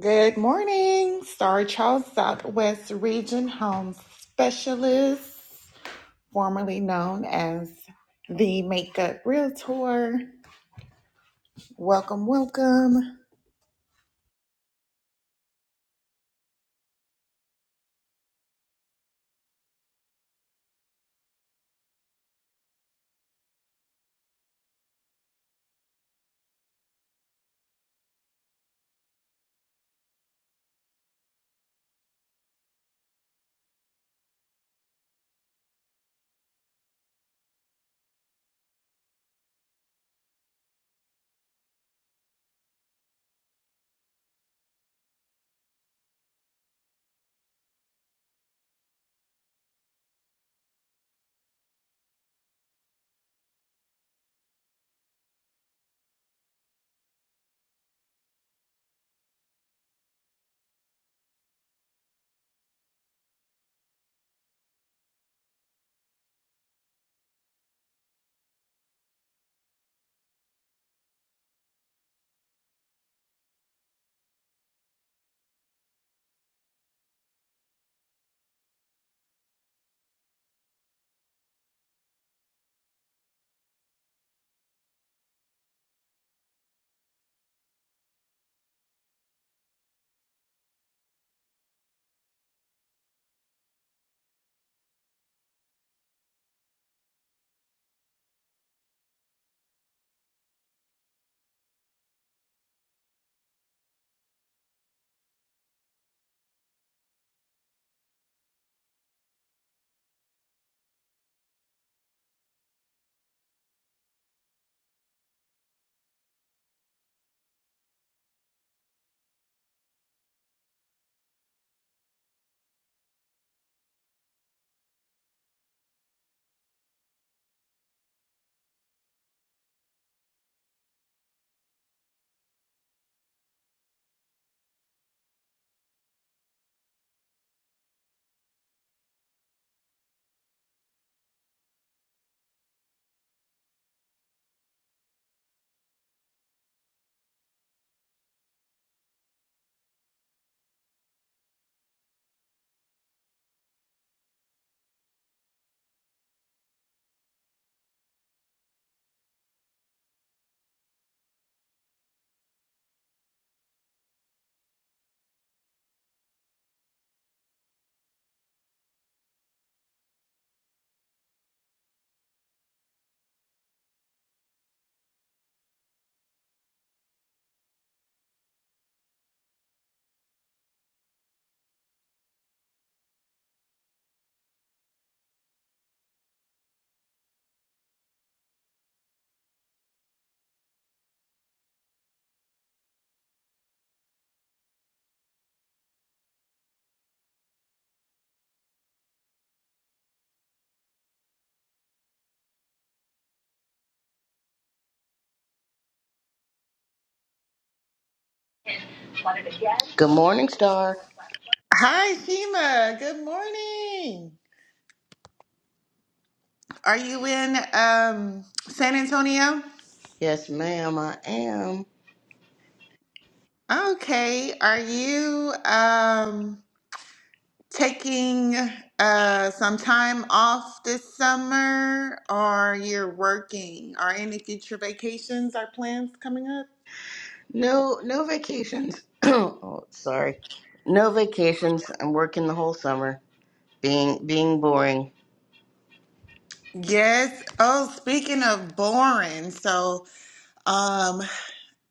Good morning, Star Charles Southwest Region Home Specialist, formerly known as the Makeup Realtor. Welcome, welcome. Good morning, Star. Hi, Shima. Good morning. Are you in um, San Antonio? Yes, ma'am, I am. Okay. Are you? Um, taking uh, some time off this summer or you're working? Are any future vacations or plans coming up? No, no vacations. oh, sorry. No vacations. I'm working the whole summer. Being being boring. Yes. Oh, speaking of boring, so um,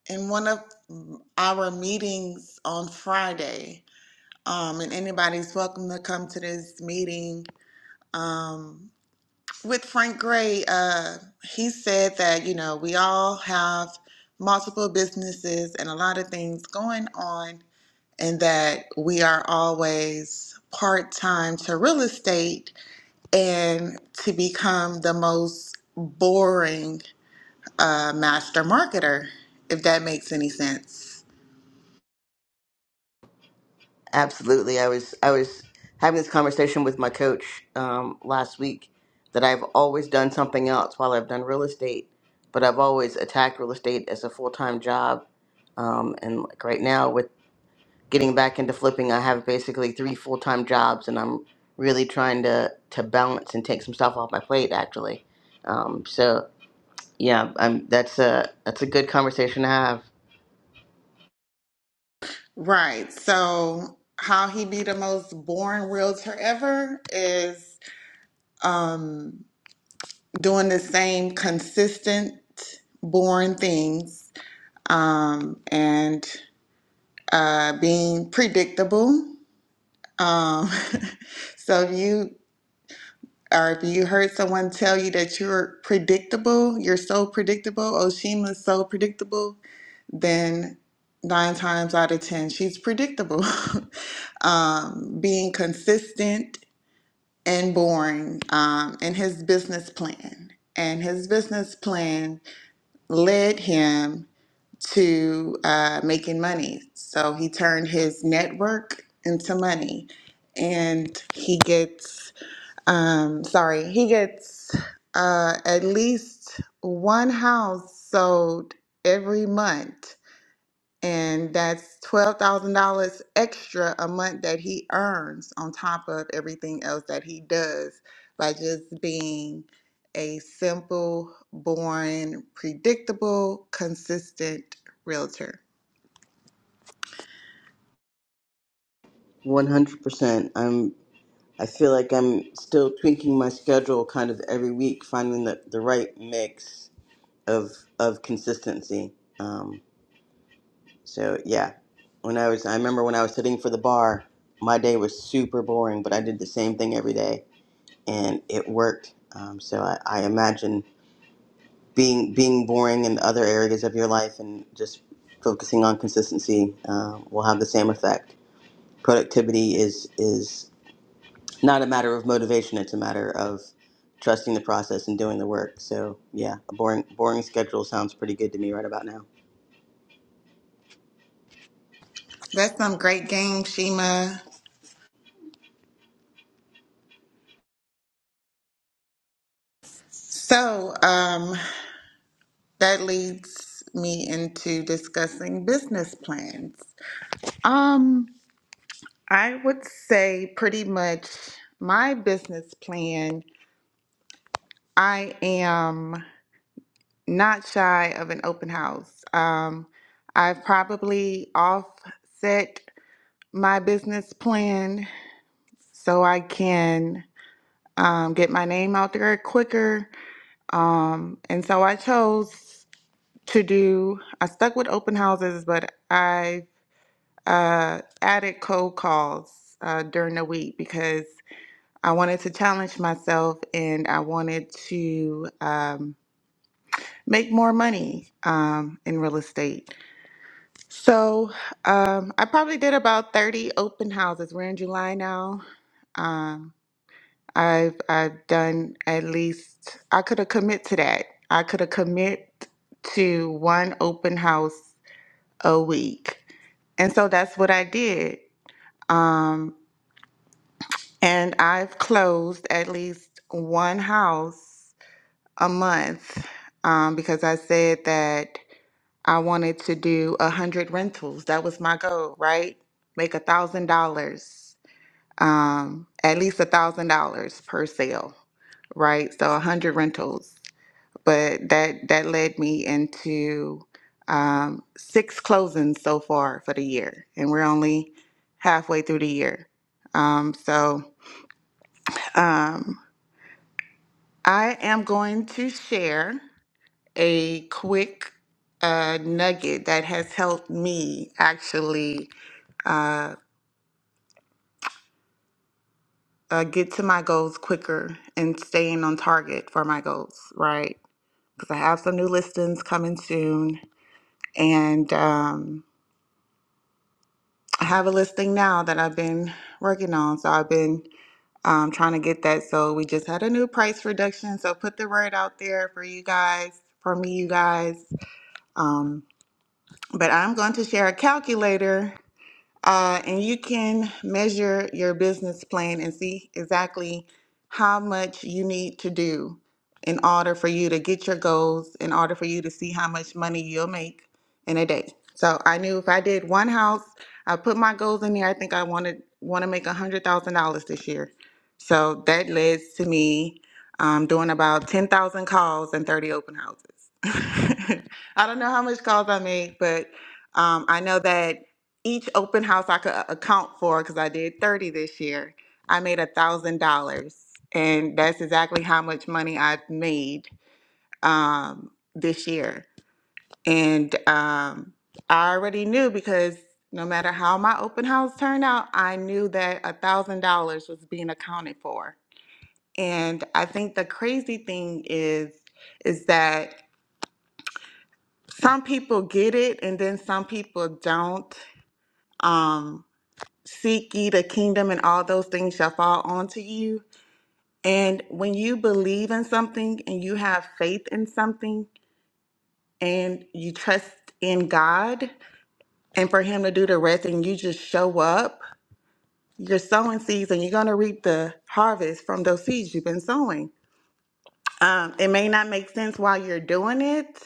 in one of our meetings on Friday, um, and anybody's welcome to come to this meeting. Um, with Frank Gray, uh, he said that, you know, we all have multiple businesses and a lot of things going on, and that we are always part time to real estate and to become the most boring uh, master marketer, if that makes any sense. Absolutely. I was I was having this conversation with my coach um, last week that I've always done something else while I've done real estate, but I've always attacked real estate as a full time job. Um, and like right now getting back into flipping, I have basically three full time jobs, and I'm really trying to to balance and take some stuff off my plate. Actually, um, so yeah, I'm that's a that's a good conversation to have. Right. So, how he be the most boring realtor ever is. Um, doing the same consistent, boring things, um, and uh, being predictable. Um, so if you or if you heard someone tell you that you're predictable, you're so predictable, oh, Sheila's so predictable, then nine times out of ten, she's predictable. um, being consistent and boring um, in his business plan. And his business plan led him to uh, making money. So he turned his network into money, and he gets um, sorry, he gets uh, at least one house sold every month and that's $12,000 extra a month that he earns on top of everything else that he does by just being a simple, boring, predictable, consistent realtor. One hundred percent. I'm. I feel like I'm still tweaking my schedule kind of every week, finding the, the right mix of of consistency. Um, so yeah, when I was, I remember when I was sitting for the bar, my day was super boring, but I did the same thing every day and it worked. Um, so I, I imagine being being boring in other areas of your life and just focusing on consistency uh, will have the same effect. Productivity is is not a matter of motivation; it's a matter of trusting the process and doing the work. So yeah, a boring boring schedule sounds pretty good to me right about now. That's some great game, Shima. So um, that leads me into discussing business plans. Um, I would say pretty much my business plan. I am. not shy of an open house. Um, I've probably offset my business plan so I can um, get my name out there quicker. Um, and so I chose to do, I stuck with open houses, but I uh, added cold calls uh, during the week because I wanted to challenge myself and I wanted to um, make more money um, in real estate. So um, I probably did about 30 open houses. We're in July now. Um, I've I've done at least I could have commit to that. I could have commit to one open house a week. And so that's what I did. Um, and I've closed at least one house a month um, because I said that I wanted to do a hundred rentals. That was my goal, right? Make a thousand dollars, um, at least a thousand dollars per sale, right? So a hundred rentals. But that that led me into um, six closings so far for the year, and we're only halfway through the year. Um, so um, I am going to share a quick uh, nugget that has helped me actually uh, uh, get to my goals quicker and staying on target for my goals, right? Because I have some new listings coming soon. And um, I have a listing now that I've been working on. So I've been um, trying to get that. So we just had a new price reduction. So put the word out there for you guys, for me, you guys. Um, but I'm going to share a calculator Uh, and you can measure your business plan and see exactly how much you need to do in order for you to get your goals, in order for you to see how much money you'll make in a day. So I knew if I did one house, I put my goals in there. I think I wanted want to make a hundred thousand dollars this year. So that led to me um, doing about ten thousand calls and thirty open houses. I don't know how much calls I made, but um, I know that each open house I could uh, account for, because I did 30 this year, I made a thousand dollars. And that's exactly how much money I've made um, this year. And um, I already knew because no matter how my open house turned out, I knew that a thousand dollars was being accounted for. And I think the crazy thing is, is that some people get it and then some people don't. Um, Seek ye the kingdom, and all those things shall fall onto you. And when you believe in something and you have faith in something and you trust in God and for Him to do the rest, and you just show up, you're sowing seeds and you're going to reap the harvest from those seeds you've been sowing. Um, it may not make sense while you're doing it,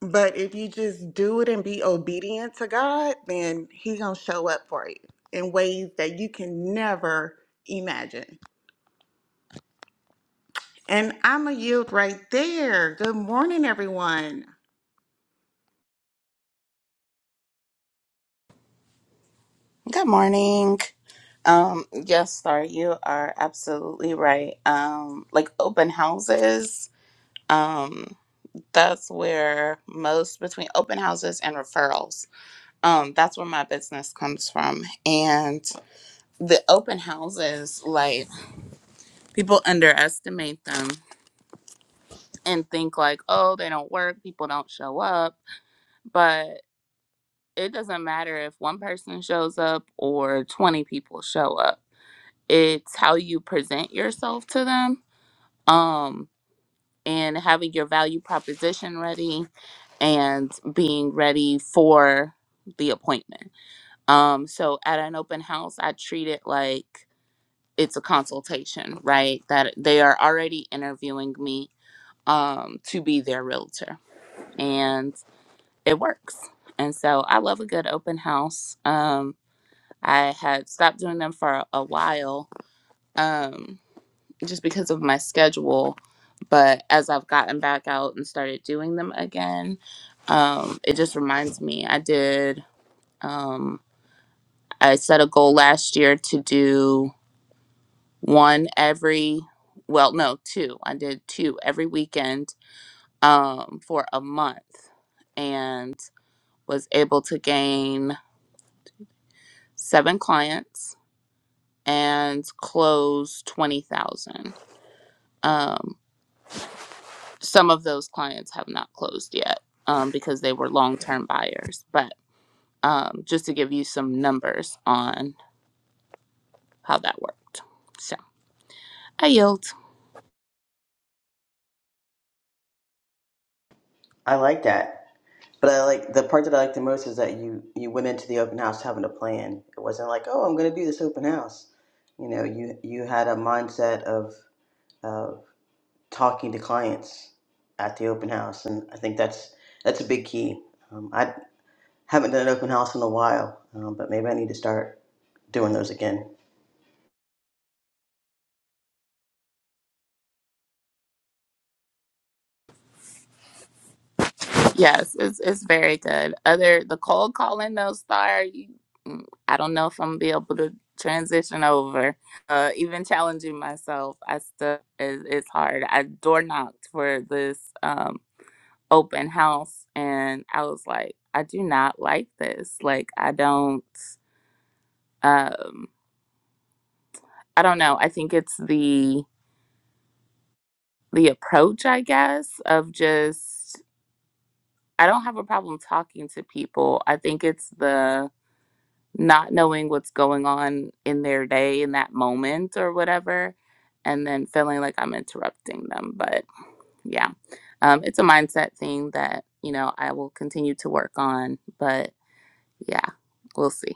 but if you just do it and be obedient to God, then He's going to show up for you in ways that you can never imagine. And I'm a yield right there. Good morning, everyone. Good morning. Um, yes, sir, you are absolutely right. Um, like open houses, um, that's where most between open houses and referrals, um, that's where my business comes from. And the open houses, like people underestimate them and think like, oh, they don't work, people don't show up, but it doesn't matter if one person shows up or 20 people show up it's how you present yourself to them um and having your value proposition ready and being ready for the appointment um so at an open house i treat it like it's a consultation right that they are already interviewing me um to be their realtor and it works and so i love a good open house um i had stopped doing them for a while um just because of my schedule. But as I've gotten back out and started doing them again, um, it just reminds me. I did, um, I set a goal last year to do one every, well, no, two. I did two every weekend um, for a month and was able to gain seven clients and close 20,000. some of those clients have not closed yet um, because they were long term buyers. But um, just to give you some numbers on how that worked. So I yield. I like that. But I like the part that I like the most is that you you went into the open house having a plan. It wasn't like, oh, I'm going to do this open house. You know, you you had a mindset of of talking to clients at the open house, and I think that's that's a big key. Um, I haven't done an open house in a while, um, but maybe I need to start doing those again. Yes, it's, it's very good. Other, the cold calling though, Star, you, mm, I don't know if I'm gonna be able to transition over. Uh, even challenging myself, I still, it, it's hard. I door knocked for this um, open house and I was like, I do not like this. Like, I don't. um i don't know i think it's the the approach i guess of just i don't have a problem talking to people i think it's the not knowing what's going on in their day in that moment or whatever and then feeling like i'm interrupting them but yeah um it's a mindset thing that you know i will continue to work on but yeah we'll see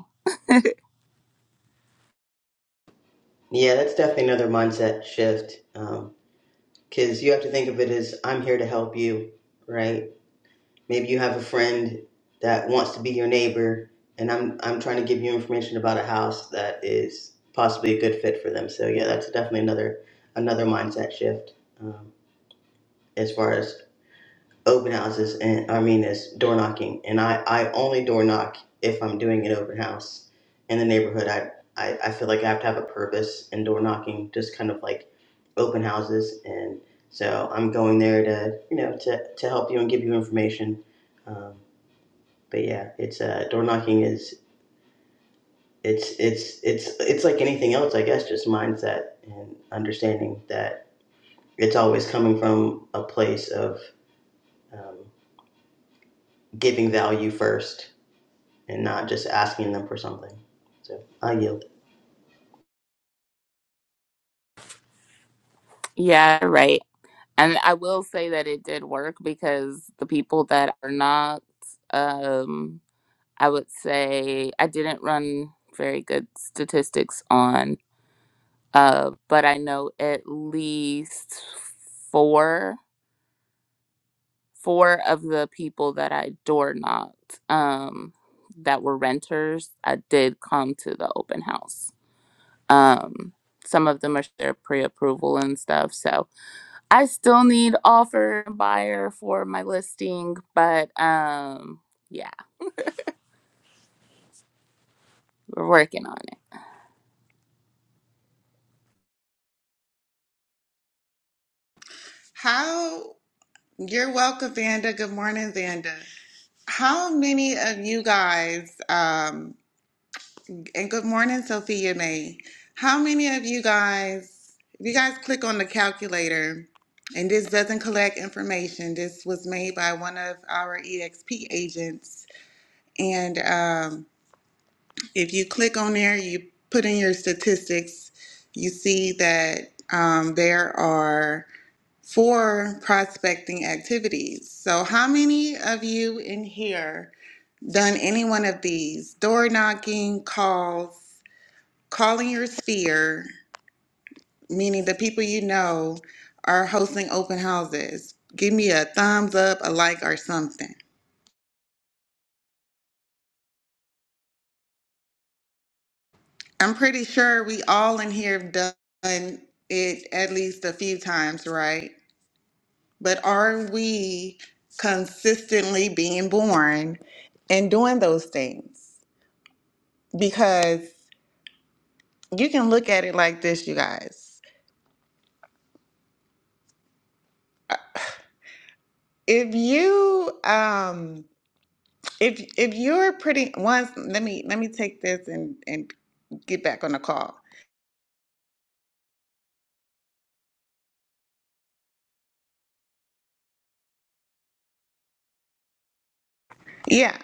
Yeah, that's definitely another mindset shift because you have to think of it as I'm here to help you, right? Maybe you have a friend that wants to be your neighbor, and I'm I'm trying to give you information about a house that is possibly a good fit for them. So yeah, that's definitely another another mindset shift. Um, as far as open houses and I mean as door knocking and I, I only door knock if I'm doing an open house in the neighborhood. I, I, I feel like I have to have a purpose in door knocking, just kind of like open houses and so I'm going there to you know to, to help you and give you information. Um, but yeah, it's uh, door knocking is it's it's it's it's like anything else I guess just mindset and understanding that it's always coming from a place of um, giving value first and not just asking them for something. So I yield. yeah right And I will say that it did work because the people that are not, um, I would say I didn't run very good statistics on, uh, but I know at least four four of the people that I door knocked um, that were renters, I did come to the open house. Um, some of them are their pre-approval and stuff, so I still need offer and buyer for my listing, but um yeah, we're working on it. How you're welcome, Vanda. Good morning, Vanda. How many of you guys, um, and good morning, Sophia May. How many of you guys, if you guys click on the calculator, and this doesn't collect information, this was made by one of our EXP agents. And um, If you click on there, you put in your statistics, you see that um, there are four prospecting activities. So, how many of you in here done any one of these? Door knocking, calls, calling your sphere, meaning the people you know are hosting open houses. Give me a thumbs up, a like, or something. I'm pretty sure we all in here have done it at least a few times, right? But are we consistently being born and doing those things? Because you can look at it like this, you guys. If you um if if you're pretty once let me let me take this and and get back on the call. Yeah.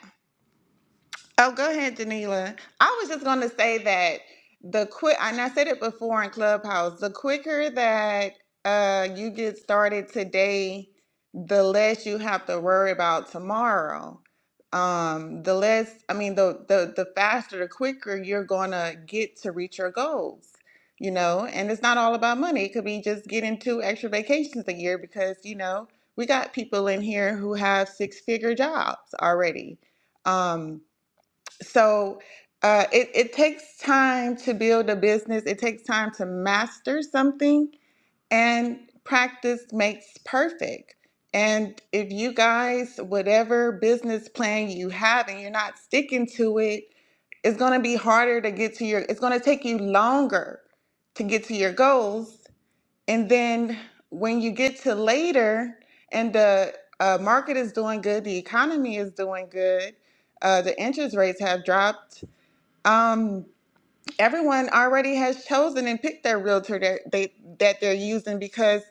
Oh, go ahead, Danila. I was just going to say that the quick, and I said it before in Clubhouse, the quicker that uh, you get started today, the less you have to worry about tomorrow. Um, the less, I mean, the, the, the faster, the quicker you're going to get to reach your goals, you know? And it's not all about money. It could be just getting two extra vacations a year because, you know, we got people in here who have six figure jobs already. Um, so uh, it, it takes time to build a business it takes time to master something and practice makes perfect and if you guys whatever business plan you have and you're not sticking to it it's going to be harder to get to your it's going to take you longer to get to your goals and then when you get to later and the uh, market is doing good, the economy is doing good, uh, the interest rates have dropped. Um, everyone already has chosen and picked their realtor that they that they're using because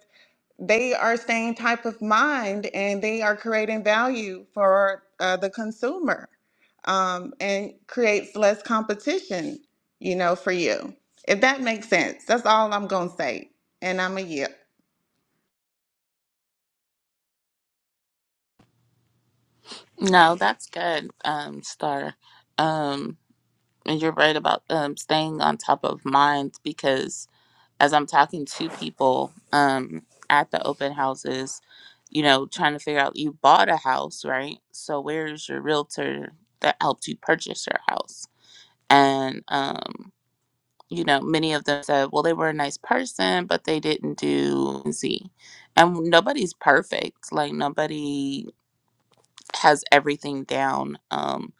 they are staying type of mind and they are creating value for uh, the consumer um, and creates less competition, you know, for you. If that makes sense, that's all I'm gonna say, and I'm a yield. No, that's good, um, Star. Um and you're right about um staying on top of mind because as I'm talking to people um at the open houses, you know, trying to figure out you bought a house, right? So where's your realtor that helped you purchase your house? And um you know, many of them said, well, they were a nice person, but they didn't do Z. And nobody's perfect. Like nobody has everything down, um,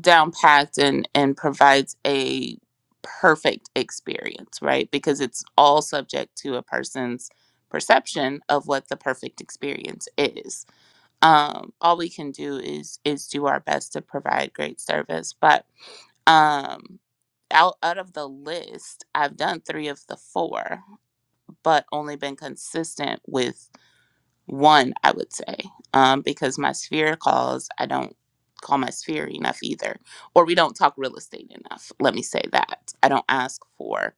down packed and, and provides a perfect experience, right? Because it's all subject to a person's perception of what the perfect experience is. Um, all we can do is is do our best to provide great service. But um, out out of the list, I've done three of the four, but only been consistent with one, I would say, um, because my sphere calls, I don't call my sphere enough either, or we don't talk real estate enough. Let me say that I don't ask for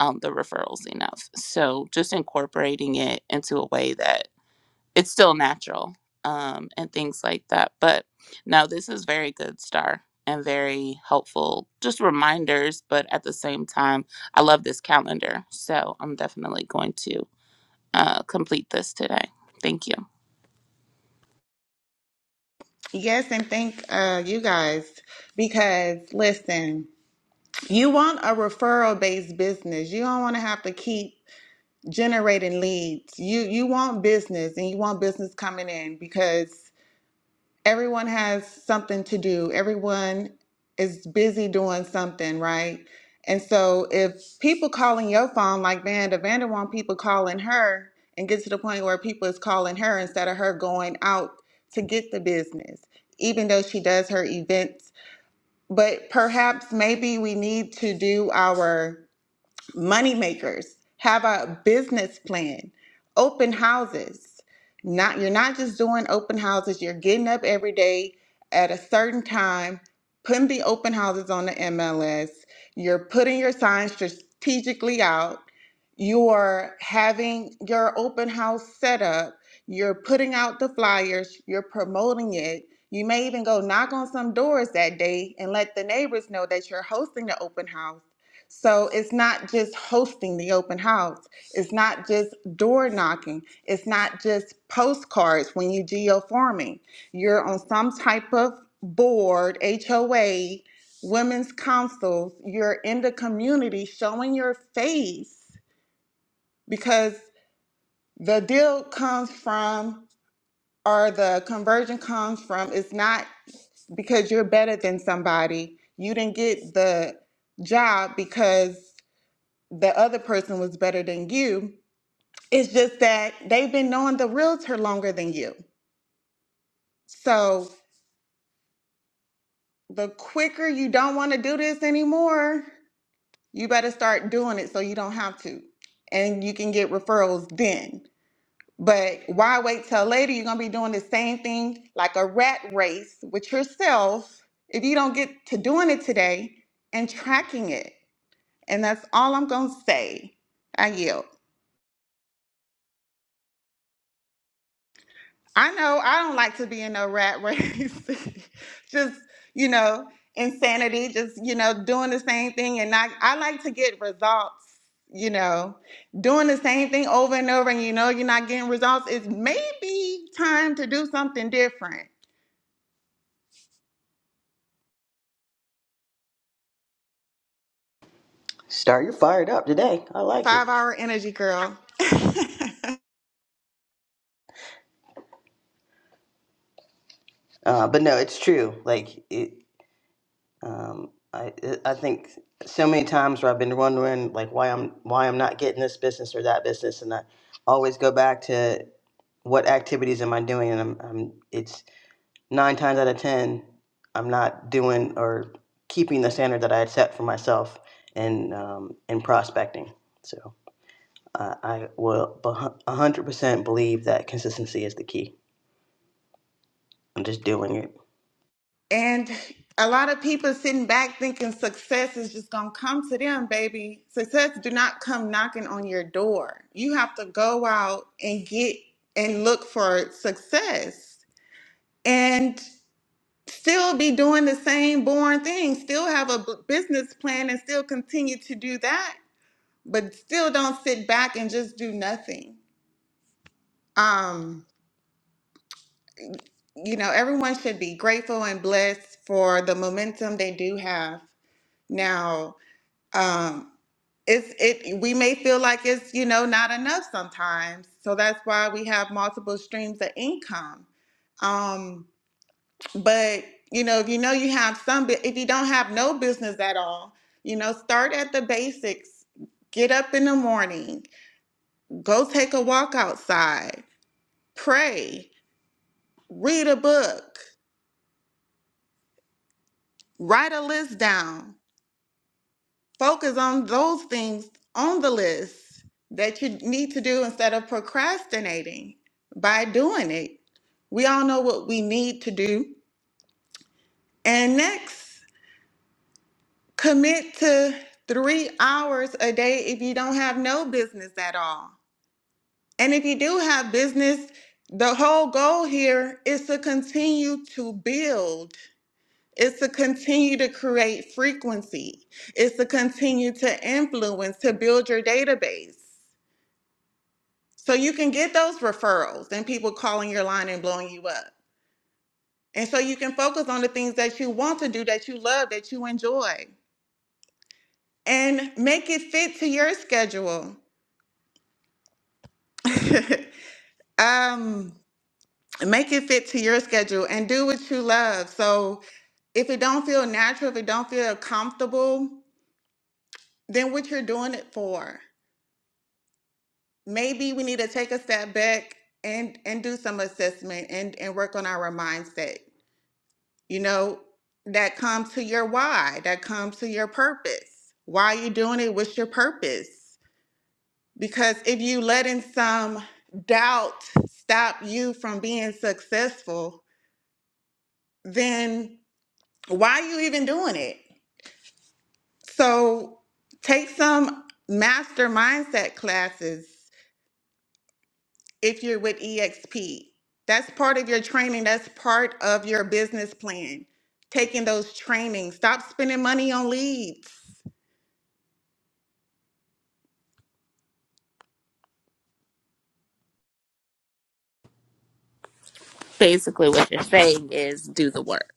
um, the referrals enough. So just incorporating it into a way that it's still natural um, and things like that. But no, this is very good, Star, and very helpful. Just reminders, but at the same time, I love this calendar. So I'm definitely going to uh, complete this today. Thank you. Yes, and thank uh, you guys because listen, you want a referral based business. You don't want to have to keep generating leads. You you want business and you want business coming in because everyone has something to do. Everyone is busy doing something, right? And so if people calling your phone like Vanda, Vanda want people calling her and get to the point where people is calling her instead of her going out to get the business, even though she does her events. But perhaps maybe we need to do our money makers have a business plan open houses not you're not just doing open houses you're getting up every day at a certain time putting the open houses on the mls you're putting your signs strategically out you're having your open house set up you're putting out the flyers you're promoting it you may even go knock on some doors that day and let the neighbors know that you're hosting the open house so it's not just hosting the open house. It's not just door knocking. It's not just postcards when you geoforming. You're on some type of board, HOA, women's councils. You're in the community showing your face because the deal comes from or the conversion comes from it's not because you're better than somebody. You didn't get the job because the other person was better than you. It's just that they've been knowing the realtor longer than you. So the quicker you don't want to do this anymore, you better start doing it so you don't have to. And you can get referrals then. But why wait till later? You're going to be doing the same thing like a rat race with yourself if you don't get to doing it today and tracking it. And that's all I'm going to say. I yield. I know I don't like to be in no rat race. just, you know, insanity, just, you know, doing the same thing. And I, I like to get results, you know, doing the same thing over and over and you know you're not getting results. It's maybe time to do something different. Star, you're fired up today. I like it. Five hour energy girl. Uh, but no, it's true. Like it, um, I it, I think so many times where I've been wondering like why I'm why I'm not getting this business or that business, and I always go back to what activities am I doing, and I'm, I'm it's nine times out of ten I'm not doing or keeping the standard that I had set for myself in um, in prospecting. So. I, I will bu- 100% believe that consistency is the key. I'm just doing it. And a lot of people sitting back thinking success is just going to come to them, baby. Success do not come knocking on your door. You have to go out and get and look for success and still be doing the same boring thing, still have a b- business plan and still continue to do that, but still don't sit back and just do nothing. Um, you know, everyone should be grateful and blessed for the momentum they do have now um it's it we may feel like it's you know not enough sometimes so that's why we have multiple streams of income um but you know if you know you have some bu- if you don't have no business at all you know start at the basics get up in the morning go take a walk outside pray read a book write a list down focus on those things on the list that you need to do instead of procrastinating by doing it. We all know what we need to do. And next, commit to three hours a day if you don't have no business at all. And if you do have business, the whole goal here is to continue to build, it's to continue to create frequency, it's to continue to influence, to build your database. So you can get those referrals and people calling your line and blowing you up. And so you can focus on the things that you want to do, that you love, that you enjoy, and make it fit to your schedule. um, make it fit to your schedule and do what you love. So if it don't feel natural, if it don't feel comfortable, then what you're doing it for? Maybe we need to take a step back and and do some assessment and and work on our mindset you know, that comes to your why, that comes to your purpose. Why are you doing it? What's your purpose? Because if you letting some doubt stop you from being successful, then why are you even doing it? So take some master mindset classes if you're with EXP. That's part of your training, that's part of your business plan. Taking those trainings, stop spending money on leads Basically, what you're saying is do the work.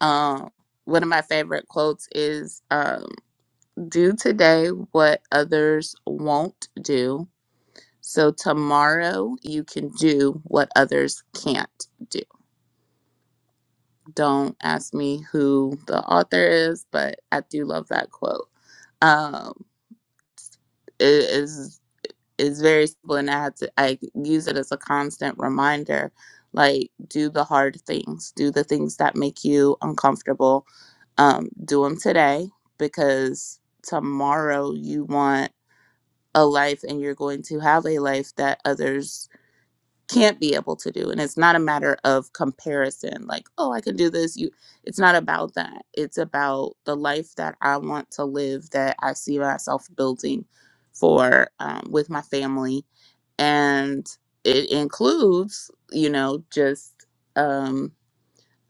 Um, one of my favorite quotes is um, do today what others won't do. So tomorrow you can do what others can't do Don't ask me who the author is, but I do love that quote. Um, it is is very simple, and I had to I use it as a constant reminder. Like, do the hard things, do the things that make you uncomfortable. Um, do them today because tomorrow you want a life, and you're going to have a life that others can't be able to do and it's not a matter of comparison like oh i can do this you it's not about that it's about the life that i want to live that i see myself building for um, with my family and it includes you know just um,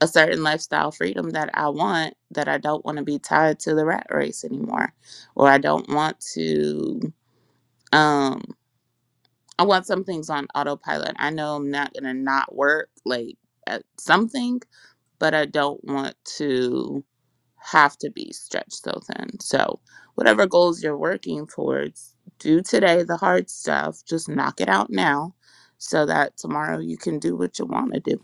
a certain lifestyle freedom that i want that i don't want to be tied to the rat race anymore or i don't want to um I want some things on autopilot. I know I'm not gonna not work like at something, but I don't want to have to be stretched so thin. So whatever goals you're working towards, do today the hard stuff. Just knock it out now so that tomorrow you can do what you wanna do.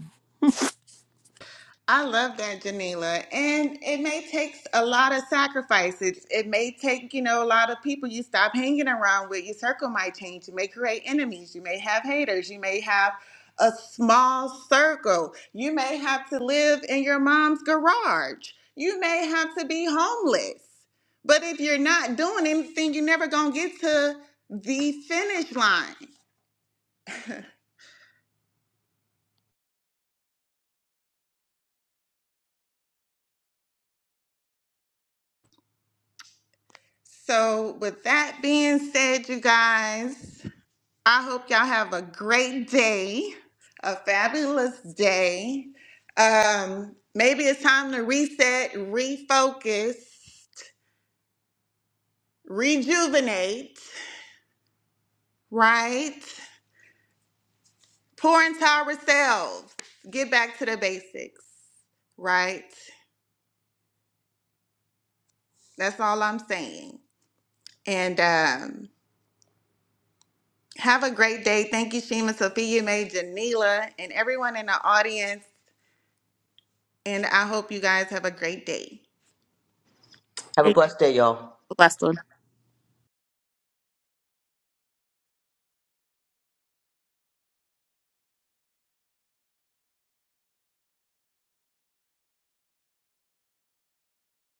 I love that, Janila. And it may take a lot of sacrifice. It, it may take, you know, a lot of people you stop hanging around with. Your circle might change. You may create enemies. You may have haters. You may have a small circle. You may have to live in your mom's garage. You may have to be homeless. But if you're not doing anything, you're never going to get to the finish line. So, with that being said, you guys. I hope y'all have a great day, a fabulous day. Um, maybe it's time to reset, refocus, rejuvenate, right? Pour into ourselves, get back to the basics, right? That's all I'm saying. And um, have a great day. Thank you, Shima, Sophia, May, Janila, and everyone in the audience. And I hope you guys have a great day. Have a Hey, blessed day, y'all. Blessed one.